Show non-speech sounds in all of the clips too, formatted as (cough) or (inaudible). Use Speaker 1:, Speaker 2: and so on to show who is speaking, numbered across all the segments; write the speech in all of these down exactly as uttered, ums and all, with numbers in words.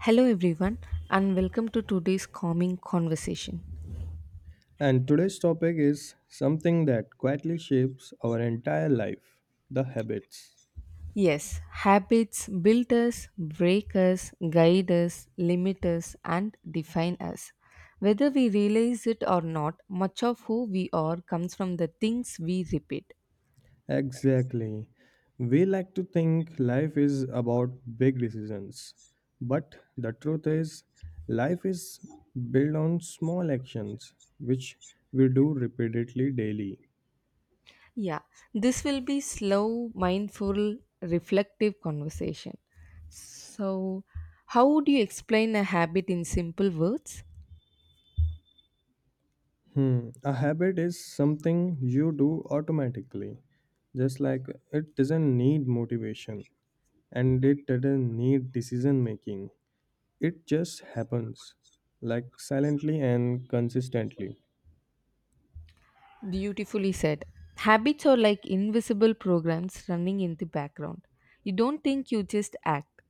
Speaker 1: Hello, everyone, and welcome to today's calming conversation.
Speaker 2: And today's topic is something that quietly shapes our entire life, the habits.
Speaker 1: Yes, habits build us, break us, guide us, limit us, and define us. Whether we realize it or not, much of who we are comes from the things we repeat.
Speaker 2: Exactly. We like to think life is about big decisions, but the truth is, life is built on small actions which we do repeatedly daily.
Speaker 1: Yeah, this will be slow, mindful, reflective conversation. So, how would you explain a habit in simple words?
Speaker 2: Hmm. A habit is something you do automatically, just like it doesn't need motivation and it doesn't need decision making. It just happens, like silently and consistently.
Speaker 1: Beautifully said. Habits are like invisible programs running in the background. You don't think, you just act.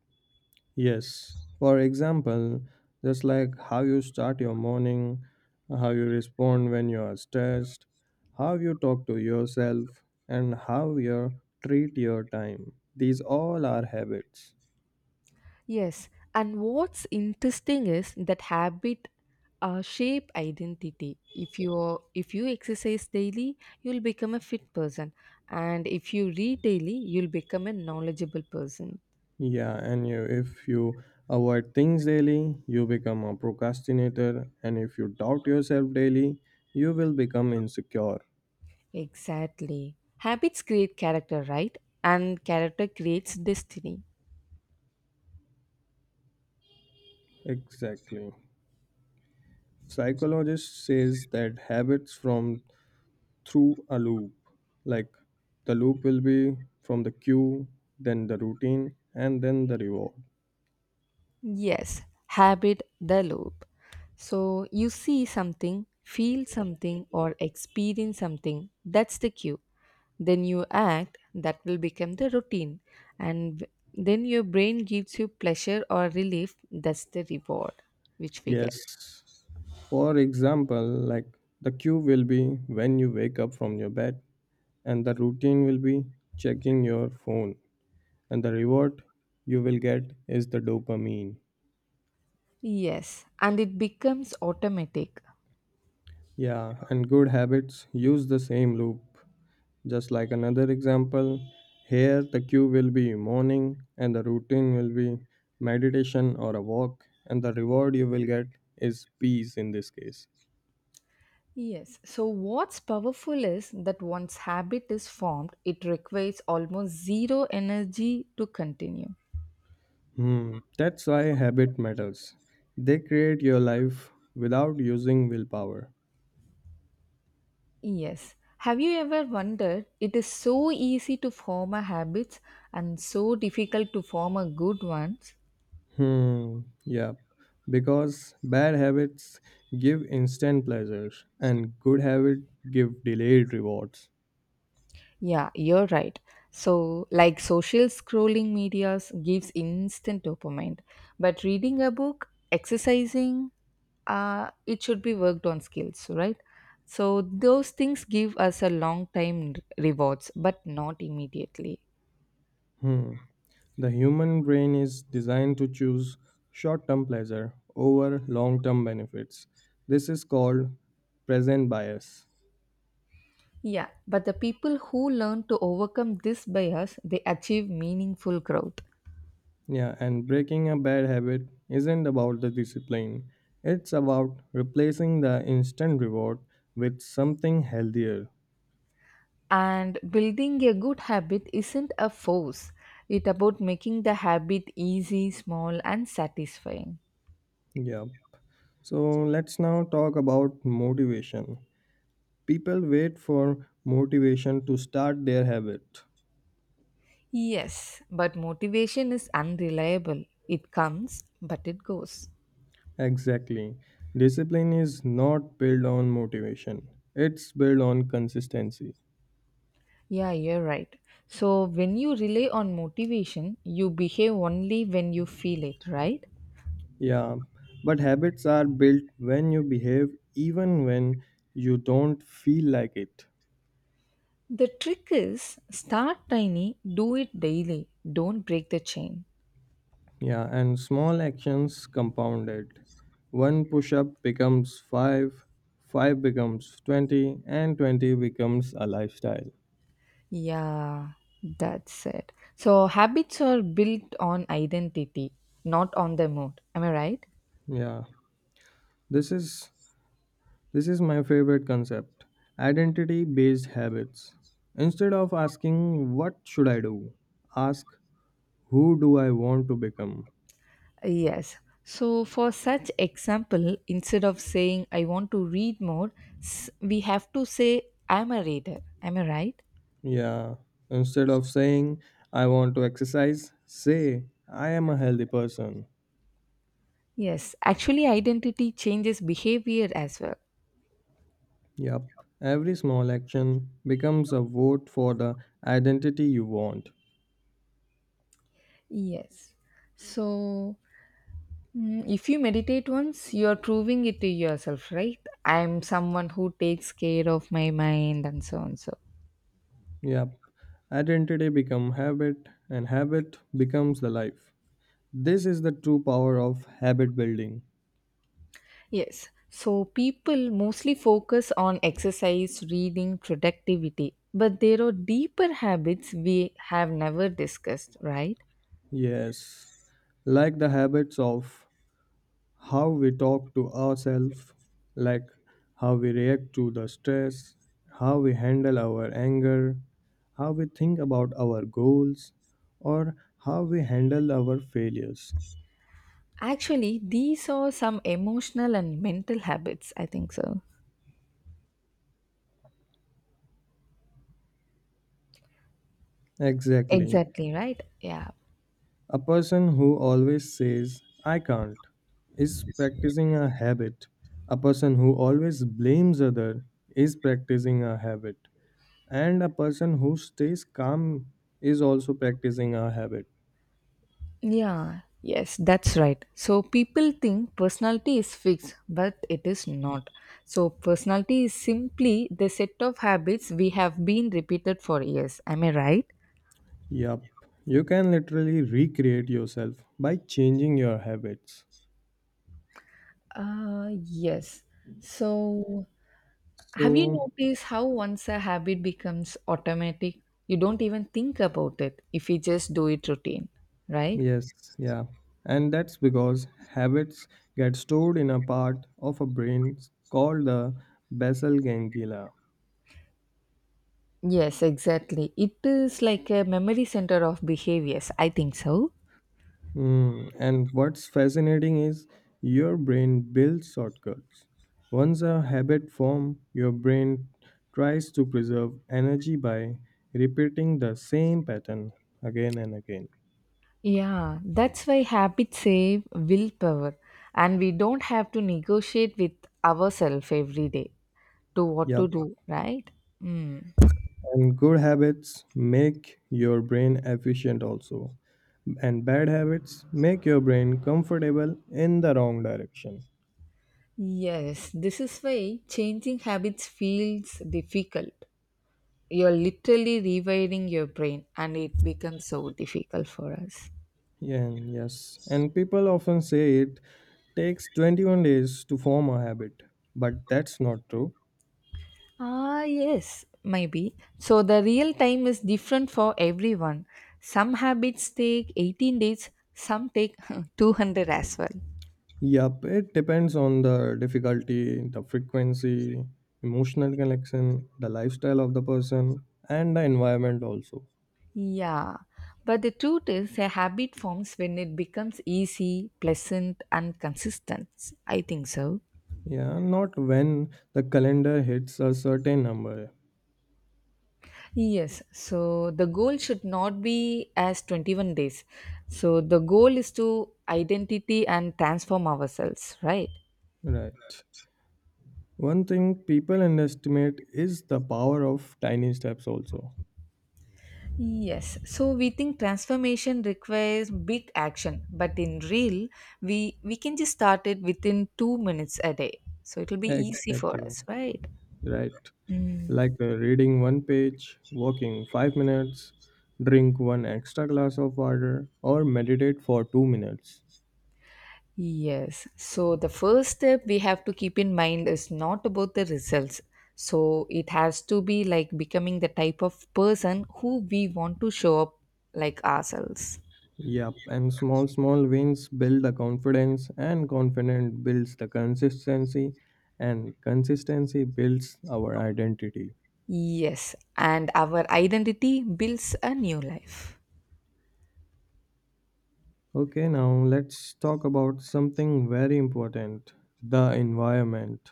Speaker 2: Yes, for example, just like how you start your morning, how you respond when you are stressed, how you talk to yourself, and how you treat your time. These all are habits.
Speaker 1: Yes, and what's interesting is that habit uh, shape identity. If you if you exercise daily, you'll become a fit person, and if you read daily, you'll become a knowledgeable person.
Speaker 2: Yeah, and you, if you avoid things daily, you become a procrastinator, and if you doubt yourself daily, you will become insecure.
Speaker 1: Exactly. Habits create character, right? And character creates destiny.
Speaker 2: Exactly. Psychologist says that habits from through a loop, like the loop will be from the cue, then the routine, and then the reward.
Speaker 1: Yes, habit the loop. So you see something, feel something, or experience something, that's the cue. Then you act, that will become the routine. And w- then your brain gives you pleasure or relief, that's the reward which we get.
Speaker 2: Yes. For example, like the cue will be when you wake up from your bed, and the routine will be checking your phone, and the reward you will get is the dopamine.
Speaker 1: Yes, and it becomes automatic.
Speaker 2: Yeah, and good habits use the same loop. Just like another example, here the cue will be morning and the routine will be meditation or a walk, and the reward you will get is peace in this case.
Speaker 1: Yes, so what's powerful is that once habit is formed, it requires almost zero energy to continue.
Speaker 2: Hmm, that's why habit matters. They create your life without using willpower.
Speaker 1: Yes. Have you ever wondered it is so easy to form a habits and so difficult to form a good ones?
Speaker 2: Hmm, yeah. Because bad habits give instant pleasures and good habits give delayed rewards.
Speaker 1: Yeah, you're right. So, like social scrolling medias gives instant dopamine, but reading a book, exercising, uh, it should be worked on skills, right? So those things give us a long time rewards, but not immediately.
Speaker 2: Hmm. The human brain is designed to choose short term pleasure over long term benefits. This is called present bias.
Speaker 1: Yeah, but the people who learn to overcome this bias, they achieve meaningful growth.
Speaker 2: Yeah, and breaking a bad habit isn't about the discipline, it's about replacing the instant reward with something healthier.
Speaker 1: And building a good habit isn't a force. It's about making the habit easy, small, and satisfying.
Speaker 2: Yeah, so let's now talk about motivation. People wait for motivation to start their habit.
Speaker 1: Yes, but motivation is unreliable. It comes, but it goes.
Speaker 2: Exactly. Discipline is not built on motivation, it's built on consistency.
Speaker 1: Yeah, you're right. So when you rely on motivation, you behave only when you feel it, right?
Speaker 2: Yeah, but habits are built when you behave, even when you don't feel like it.
Speaker 1: The trick is start tiny, do it daily, don't break the chain.
Speaker 2: Yeah, and small actions compound it. One push up becomes five, five becomes twenty, and twenty becomes a lifestyle.
Speaker 1: Yeah, that's it. So habits are built on identity, not on the mood. Am I right?
Speaker 2: Yeah, this is This is my favorite concept, identity based habits. Instead of asking, "What should I do?" ask, "Who do I want to become?"
Speaker 1: Yes. So for such example, instead of saying I want to read more, s- we have to say I'm a reader. Am I right?
Speaker 2: Yeah. Instead of saying, "I want to exercise," say, "I am a healthy person."
Speaker 1: Yes. Actually, identity changes behavior as well.
Speaker 2: Yup. Every small action becomes a vote for the identity you want.
Speaker 1: Yes. So, mm, if you meditate once, you are proving it to yourself, right? I am someone who takes care of my mind and so on. So,
Speaker 2: Yup. Identity become habit and habit becomes the life. This is the true power of habit building.
Speaker 1: yes. So people mostly focus on exercise, reading, productivity, but there are deeper habits we have never discussed, right?
Speaker 2: Yes, like the habits of how we talk to ourselves, like how we react to the stress, how we handle our anger, how we think about our goals, or how we handle our failures.
Speaker 1: Actually, these are some emotional and mental habits, I think so.
Speaker 2: Exactly.
Speaker 1: Exactly, right? Yeah.
Speaker 2: A person who always says, "I can't," is practicing a habit. A person who always blames other is practicing a habit. And a person who stays calm is also practicing a habit.
Speaker 1: Yeah. Yes, that's right. So people think personality is fixed, but it is not. So personality is simply the set of habits we have been repeated for years. Am I right?
Speaker 2: Yup. You can literally recreate yourself by changing your habits.
Speaker 1: Uh, yes. So,
Speaker 2: So,
Speaker 1: have you noticed how once a habit becomes automatic, you don't even think about it if you just do it routine, right?
Speaker 2: yes, yeah. And that's because habits get stored in a part of a brain called the basal ganglia.
Speaker 1: Yes, exactly. It is like a memory center of behaviors. I think so.
Speaker 2: Mm, and what's fascinating is your brain builds shortcuts. Once a habit forms, your brain tries to preserve energy by repeating the same pattern again and again.
Speaker 1: Yeah, that's why habits save willpower, and we don't have to negotiate with ourselves every day to what
Speaker 2: Yep.
Speaker 1: to do, right? Mm.
Speaker 2: And good habits make your brain efficient also. And bad habits make your brain comfortable in the wrong direction.
Speaker 1: Yes, this is why changing habits feels difficult. You're literally rewiring your brain, and it becomes so difficult for us.
Speaker 2: Yeah, and yes. And people often say it takes twenty-one days to form a habit, but that's not true.
Speaker 1: Ah, yes, maybe. So, the real time is different for everyone. Some habits take eighteen days, some take (laughs) two hundred as well.
Speaker 2: Yup, it depends on the difficulty, the frequency, emotional connection, the lifestyle of the person, and the environment also.
Speaker 1: Yeah, but the truth is, a habit forms when it becomes easy, pleasant, and consistent. I think so.
Speaker 2: Yeah, not when the calendar hits a certain number.
Speaker 1: Yes, so the goal should not be as twenty-one days. So the goal is to identity and transform ourselves, right?
Speaker 2: Right. One thing people underestimate is the power of tiny steps also.
Speaker 1: Yes, so we think transformation requires big action, but in real, we we can just start it within two minutes a day. So it will be easy for
Speaker 2: Exactly.
Speaker 1: us, right?
Speaker 2: Right.
Speaker 1: Mm.
Speaker 2: Like uh, reading one page, walking five minutes, drink one extra glass of water, or meditate for two minutes.
Speaker 1: Yes. So the first step we have to keep in mind is not about the results. So it has to be like becoming the type of person who we want to show up like ourselves.
Speaker 2: Yep, and small, small wins build the confidence, and confident builds the consistency, and consistency builds our identity.
Speaker 1: Yes. And our identity builds a new life.
Speaker 2: Okay, now let's talk about something very important, the environment.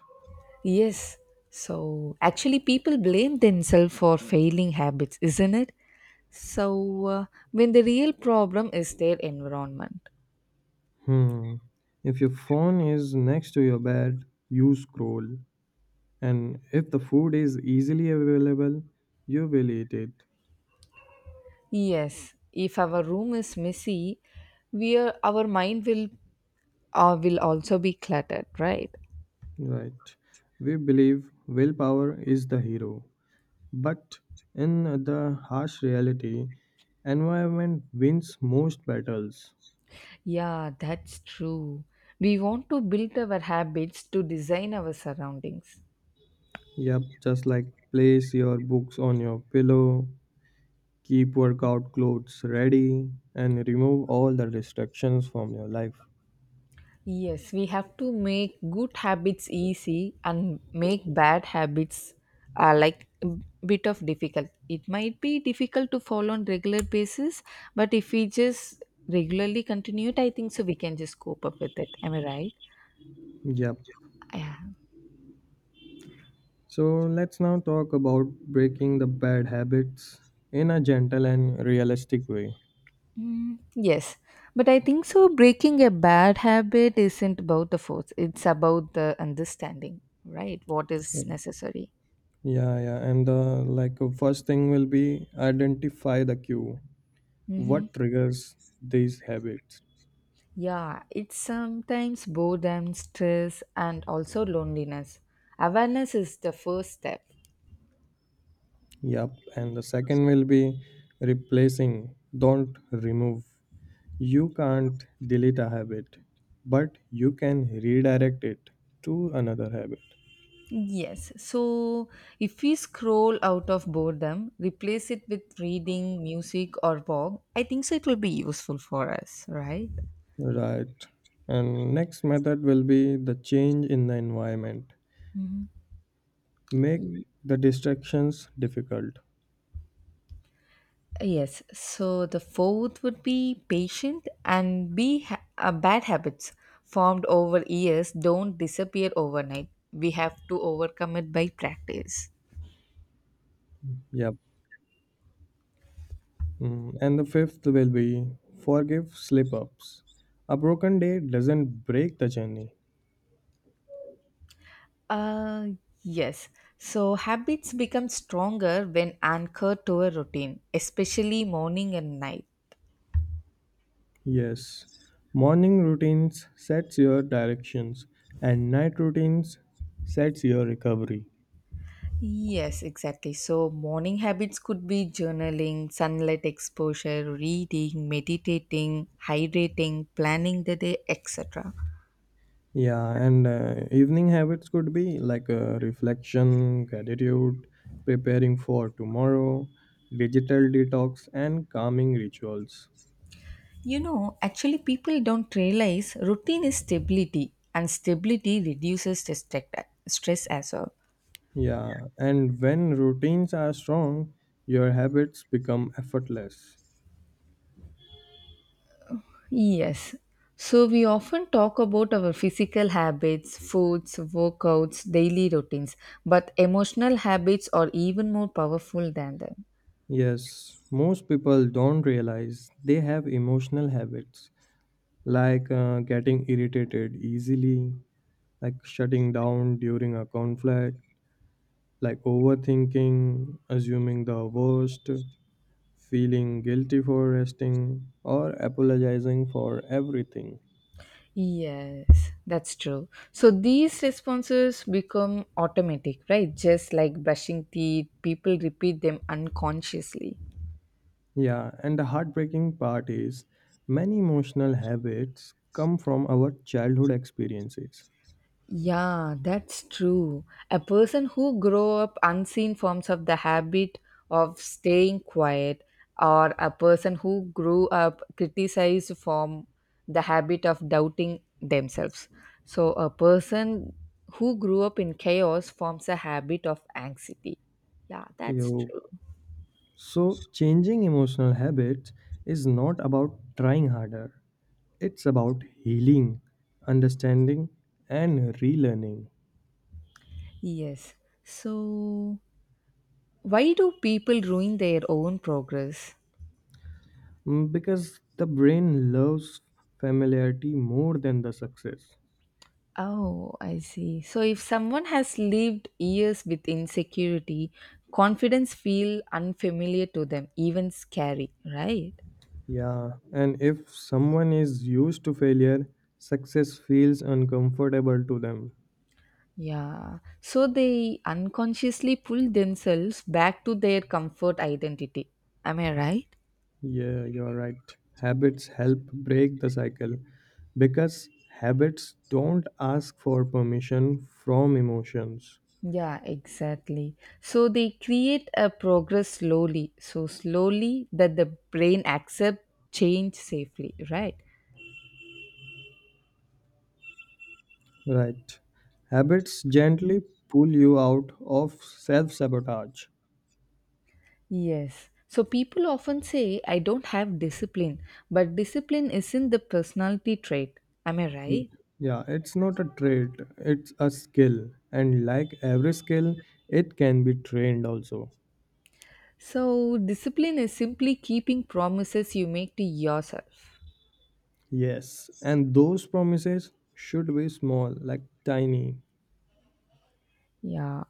Speaker 1: Yes. So actually, people blame themselves for failing habits, isn't it? So, uh, when the real problem is their environment.
Speaker 2: Hmm. If your phone is next to your bed, you scroll. And if the food is easily available, you will eat it.
Speaker 1: Yes, if our room is messy, we are, our mind will uh, will also be cluttered, right?
Speaker 2: Right. We believe willpower is the hero, but in the harsh reality, environment wins most battles.
Speaker 1: Yeah, that's true. We want to build our habits to design our surroundings.
Speaker 2: Yep, just like place your books on your pillow, keep workout clothes ready, and remove all the distractions from your life.
Speaker 1: Yes, we have to make good habits easy and make bad habits uh, like a bit of difficult. It might be difficult to follow on regular basis, but if we just regularly continue it, I think so we can just cope up with it. Am I right?
Speaker 2: Yep.
Speaker 1: Yeah.
Speaker 2: So let's now talk about breaking the bad habits in a gentle and realistic way.
Speaker 1: Mm, yes, but I think so. Breaking a bad habit isn't about the force, it's about the understanding, right? What is necessary.
Speaker 2: Yeah, yeah. And the, like, uh, first thing will be identify the cue.
Speaker 1: Mm-hmm.
Speaker 2: What triggers these habits?
Speaker 1: Yeah, it's sometimes boredom, stress, and also loneliness. Awareness is the first step.
Speaker 2: Yep. And the second will be replacing. Don't remove. You can't delete a habit, but you can redirect it to another habit.
Speaker 1: Yes, so if we scroll out of boredom, replace it with reading, music, or walk, I think so it will be useful for us, right?
Speaker 2: Right. And next method will be the change in the environment. Make the distractions difficult.
Speaker 1: Yes, so the fourth would be patient and be ha- uh, bad habits formed over years don't disappear overnight. We have to overcome it by practice.
Speaker 2: Yep. Mm, And the fifth will be forgive slip ups. A broken day doesn't break the journey.
Speaker 1: Uh, yes. So habits become stronger when anchored to a routine, especially morning and night.
Speaker 2: Yes, morning routines sets your directions and night routines sets your recovery.
Speaker 1: Yes, exactly. So morning habits could be journaling, sunlight exposure, reading, meditating, hydrating, planning the day, et cetera.
Speaker 2: Yeah, and uh, evening habits could be like uh, reflection, gratitude, preparing for tomorrow, digital detox, and calming rituals.
Speaker 1: You know, actually, people don't realize routine is stability, and stability reduces the strec- stress as well.
Speaker 2: Yeah, and when routines are strong, your habits become effortless.
Speaker 1: Yes. So we often talk about our physical habits, foods, workouts, daily routines, but emotional habits are even more powerful than them.
Speaker 2: Yes, most people don't realize they have emotional habits like uh, getting irritated easily, like shutting down during a conflict, like overthinking, assuming the worst, feeling guilty for resting, or apologizing for everything.
Speaker 1: Yes, that's true. So these responses become automatic, right? Just like brushing teeth, people repeat them unconsciously.
Speaker 2: Yeah, and the heartbreaking part is many emotional habits come from our childhood experiences.
Speaker 1: Yeah, that's true. A person who grow up unseen forms of the habit of staying quiet or a person who grew up criticized from the habit of doubting themselves. So a person who grew up in chaos forms a habit of anxiety. Yeah, that's
Speaker 2: You
Speaker 1: true.
Speaker 2: So, changing emotional habits is not about trying harder, it's about healing, understanding, and relearning.
Speaker 1: Yes. So why do people ruin their own progress?
Speaker 2: Mm, Because the brain loves familiarity more than the success.
Speaker 1: Oh, I see. So if someone has lived years with insecurity, confidence feel unfamiliar to them, even scary, right?
Speaker 2: Yeah, and if someone is used to failure, success feels uncomfortable to them.
Speaker 1: Yeah. So they unconsciously pull themselves back to their comfort identity. Am I right?
Speaker 2: Yeah, you're right. Habits help break the cycle because habits don't ask for permission from emotions.
Speaker 1: Yeah, exactly. So they create a progress slowly, so slowly that the brain accept change safely, right?
Speaker 2: Right. Habits gently pull you out of self sabotage.
Speaker 1: Yes. So people often say, I don't have discipline, but discipline isn't the personality trait. Am I
Speaker 2: Ye-
Speaker 1: right?
Speaker 2: Yeah, it's not a trait, it's a skill. And like every skill, it can be trained also.
Speaker 1: So discipline is simply keeping promises you make to yourself.
Speaker 2: Yes, and those promises should be small, like tiny.
Speaker 1: Yeah.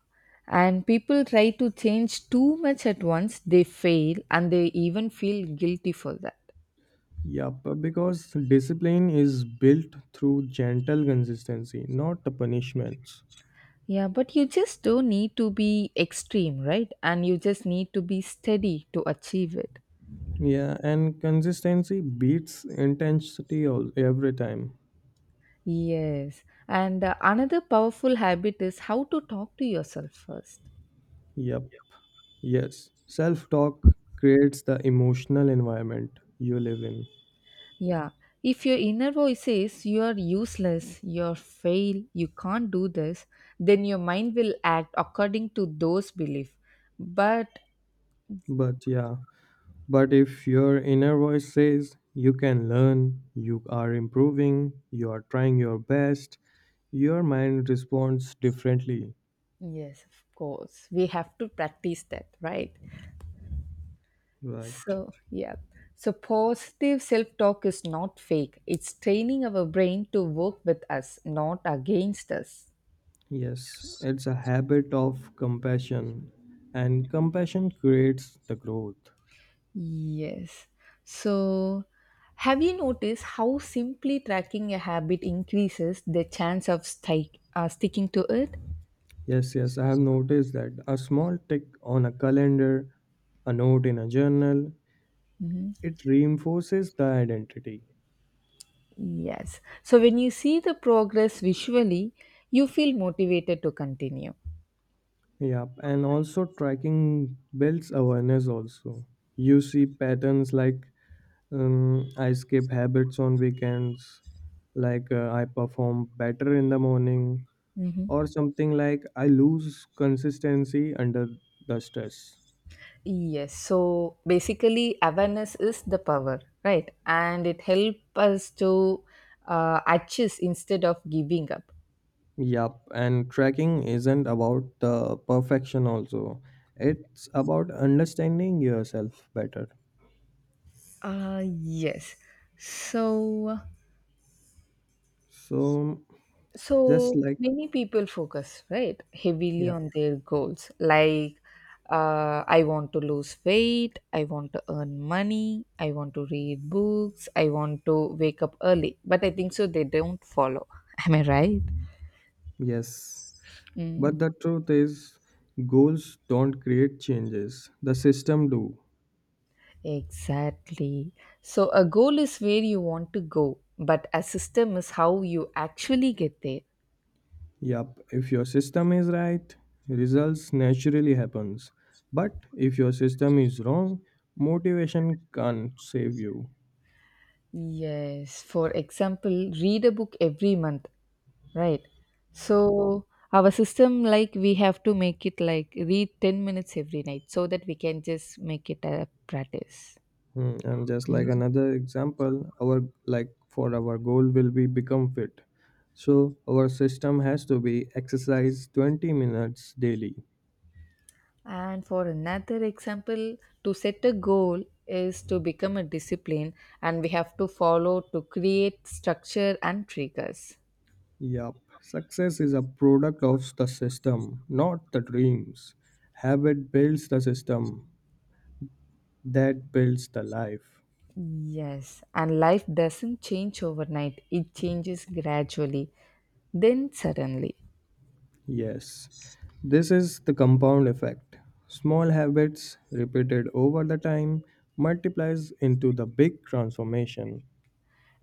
Speaker 1: And people try to change too much at once, they fail and they even feel guilty for that.
Speaker 2: Yup, because discipline is built through gentle consistency, not the punishments.
Speaker 1: Yeah, but you just don't need to be extreme, right? And you just need to be steady to achieve it.
Speaker 2: Yeah, and consistency beats intensity all, every time.
Speaker 1: Yes. And uh, another powerful habit is how to talk to yourself first.
Speaker 2: Yup. Yes, self talk creates the emotional environment you live in.
Speaker 1: Yeah. If your inner voice says you are useless, you're fail, you can't do this, then your mind will act according to those beliefs. But
Speaker 2: But yeah, but if your inner voice says you can learn, you are improving, you are trying your best, your mind responds differently.
Speaker 1: yes, of course, we have to practice that, right?
Speaker 2: Right.
Speaker 1: So, yeah. So, positive self talk is not fake. It's training our brain to work with us, not against us.
Speaker 2: Yes, it's a habit of compassion, and compassion creates the growth.
Speaker 1: Yes. So, have you noticed how simply tracking a habit increases the chance of sti- uh, sticking to it?
Speaker 2: Yes, yes, I have noticed that a small tick on a calendar, a note in a journal, it reinforces the identity.
Speaker 1: Yes. So, when you see the progress visually, you feel motivated to continue.
Speaker 2: Yep, and also tracking builds awareness also. You see patterns like um, I skip habits on weekends, like uh, I perform better in the morning,
Speaker 1: Mhm.
Speaker 2: or something like I lose consistency under the stress.
Speaker 1: Yes. So, basically, awareness is the power, right? And it helps us to uh, adjust instead of giving up.
Speaker 2: Yep, and tracking isn't about the perfection also. It's about understanding yourself better.
Speaker 1: Uh, yes. So.
Speaker 2: So just
Speaker 1: So
Speaker 2: like
Speaker 1: many people focus, right, heavily
Speaker 2: yeah,
Speaker 1: on their goals. Like, uh, I want to lose weight, I want to earn money, I want to read books, I want to wake up early. But I think so, they don't follow. (laughs) Am I right?
Speaker 2: yes. But
Speaker 1: Mm.
Speaker 2: the truth is, goals don't create changes, the system do.
Speaker 1: Exactly. So, a goal is where you want to go, but a system is how you actually get there.
Speaker 2: Yup, if your system is right, results naturally happens. But if your system is wrong, motivation can't save you.
Speaker 1: Yes. For example, read a book every month. Right. So our system, like we have to make it like read ten minutes every night so that we can just make it a practice.
Speaker 2: Hmm, And just like another example, our, like, for our goal will be become fit. So our system has to be exercise twenty minutes daily.
Speaker 1: And for another example, to set a goal is to become a discipline and we have to follow to create structure and triggers.
Speaker 2: Yup, success is a product of the system, not the dreams. Habit builds the system, that builds the life.
Speaker 1: Yes, and life doesn't change overnight, it changes gradually, then suddenly.
Speaker 2: Yes, this is the compound effect. Small habits repeated over the time multiplies into the big transformation.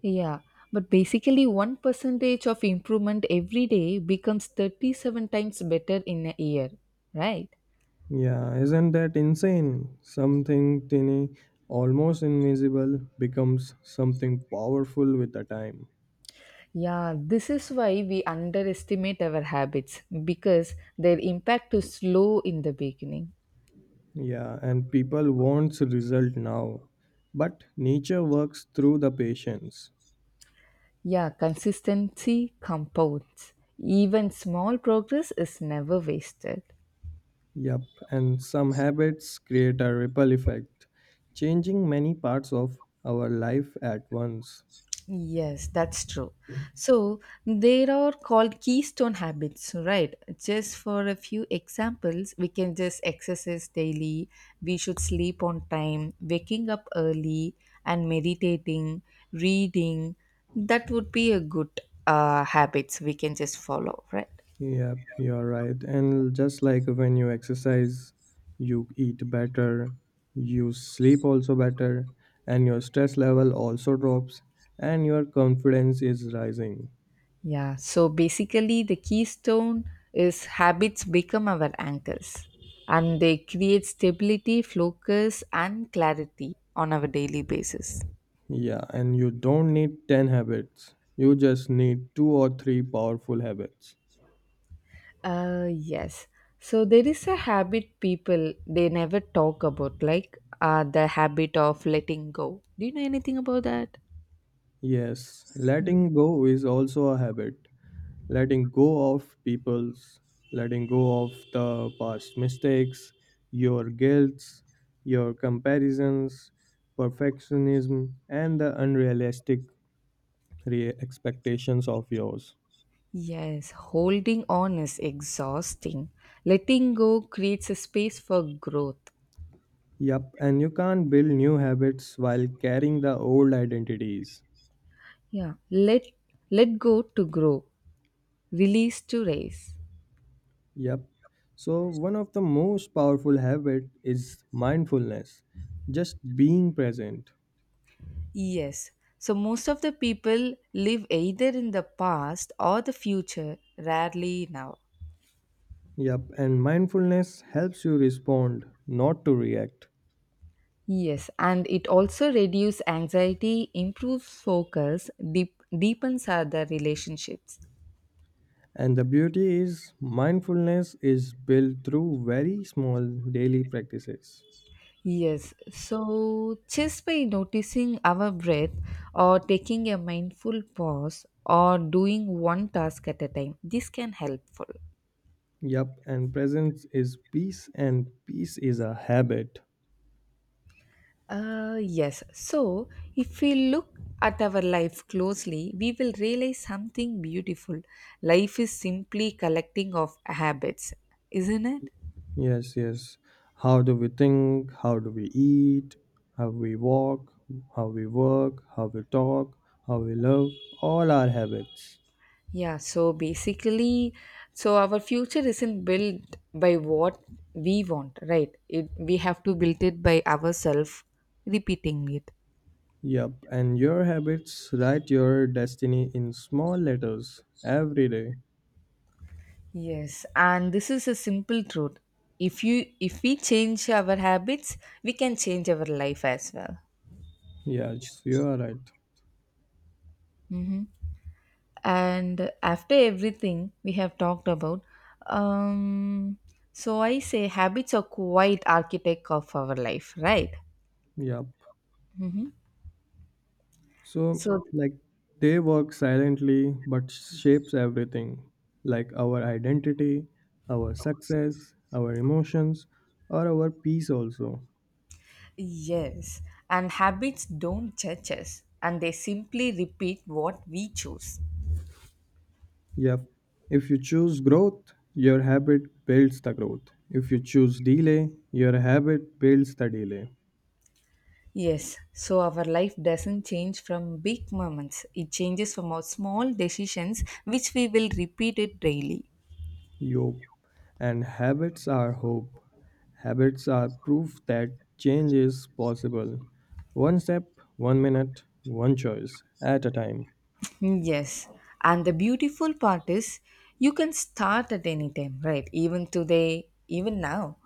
Speaker 1: Yeah, but basically, one percent of improvement every day becomes thirty-seven times better in a year, right?
Speaker 2: Yeah, isn't that insane? Something tiny, almost invisible, becomes something powerful with the time.
Speaker 1: Yeah, this is why we underestimate our habits because their impact is slow in the beginning.
Speaker 2: Yeah, and people wants result now. But nature works through the patience.
Speaker 1: Yeah, consistency compounds. Even small progress is never wasted.
Speaker 2: Yup, and some habits create a ripple effect, changing many parts of our life at once.
Speaker 1: Yes, that's true. So there are called keystone habits, right? Just for a few examples, we can just exercise daily, we should sleep on time, waking up early, and meditating, reading. That would be a good uh, habits we can just follow, right?
Speaker 2: Yep, you're right. And just like when you exercise, you eat better, you sleep also better, and your stress level also drops, and your confidence is rising.
Speaker 1: Yeah, so basically, the keystone is habits become our anchors and they create stability, focus, and clarity on our daily basis.
Speaker 2: Yeah, and you don't need ten habits. You just need two or three powerful habits.
Speaker 1: Uh, yes. So there is a habit people they never talk about, like uh, the habit of letting go. Do you know anything about that?
Speaker 2: Yes,
Speaker 1: Mm.
Speaker 2: letting go is also a habit. Letting go of people's, letting go of the past mistakes, your guilts, your comparisons, perfectionism, and the unrealistic re- expectations of yours.
Speaker 1: Yes, holding on is exhausting. Letting go creates a space for growth.
Speaker 2: Yep, and you can't build new habits while carrying the old identities.
Speaker 1: Yeah, let let go to grow. Release to raise.
Speaker 2: Yep. So, one of the most powerful habit is mindfulness, just being present.
Speaker 1: Yes. So most of the people live either in the past or the future, rarely now.
Speaker 2: Yep, and mindfulness helps you respond, not to react.
Speaker 1: Yes, and it also reduces anxiety, improves focus, deep, deepens other relationships.
Speaker 2: And the beauty is mindfulness is built through very small daily practices.
Speaker 1: Yes. So just by noticing our breath or taking a mindful pause or doing one task at a time, this can helpful.
Speaker 2: Yep, and presence is peace and peace is a habit.
Speaker 1: Uh, yes. So, if we look at our life closely, we will realize something beautiful. Life is simply collecting of habits, isn't it?
Speaker 2: Yes, yes. How do we think? How do we eat? How we walk? How we work? How we talk? How we love? All our habits.
Speaker 1: Yeah, so basically, so our future isn't built by what we want, right? It, we have to build it by ourselves, repeating it.
Speaker 2: Yup, and your habits write your destiny in small letters every day.
Speaker 1: Yes, and this is a simple truth. If you if we change our habits, we can change our life as well.
Speaker 2: Yes, you are right.
Speaker 1: Mhm. And after everything we have talked about, um so I say habits are quite architect of our life, right?
Speaker 2: Yup.
Speaker 1: Mm-hmm.
Speaker 2: So,
Speaker 1: So
Speaker 2: like, they work silently but shapes everything like our identity, our success, our emotions, or our peace also.
Speaker 1: yes, and habits don't judge us and they simply repeat what we choose.
Speaker 2: Yep. If you choose growth, your habit builds the growth. If you choose delay, your habit builds the delay.
Speaker 1: Yes, so our life doesn't change from big moments, it changes from our small decisions which we will repeat it daily.
Speaker 2: Yup. And habits are hope. Habits are proof that change is possible. One step, one minute, one choice at a time.
Speaker 1: Yes, and the beautiful part is you can start at any time, right? Even today, even now.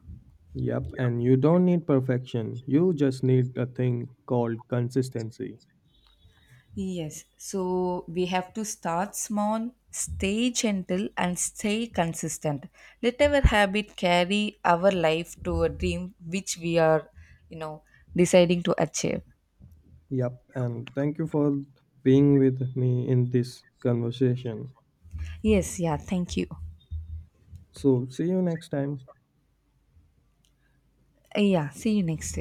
Speaker 2: Yep. And you don't need perfection. You just need a thing called consistency.
Speaker 1: Yes, so we have to start small, stay gentle, and stay consistent. Let our habit carry our life to a dream which we are, you know, deciding to achieve.
Speaker 2: Yep. And thank you for being with me in this conversation.
Speaker 1: Yes, yeah, thank you.
Speaker 2: So, see you next time.
Speaker 1: Yeah, see you next time.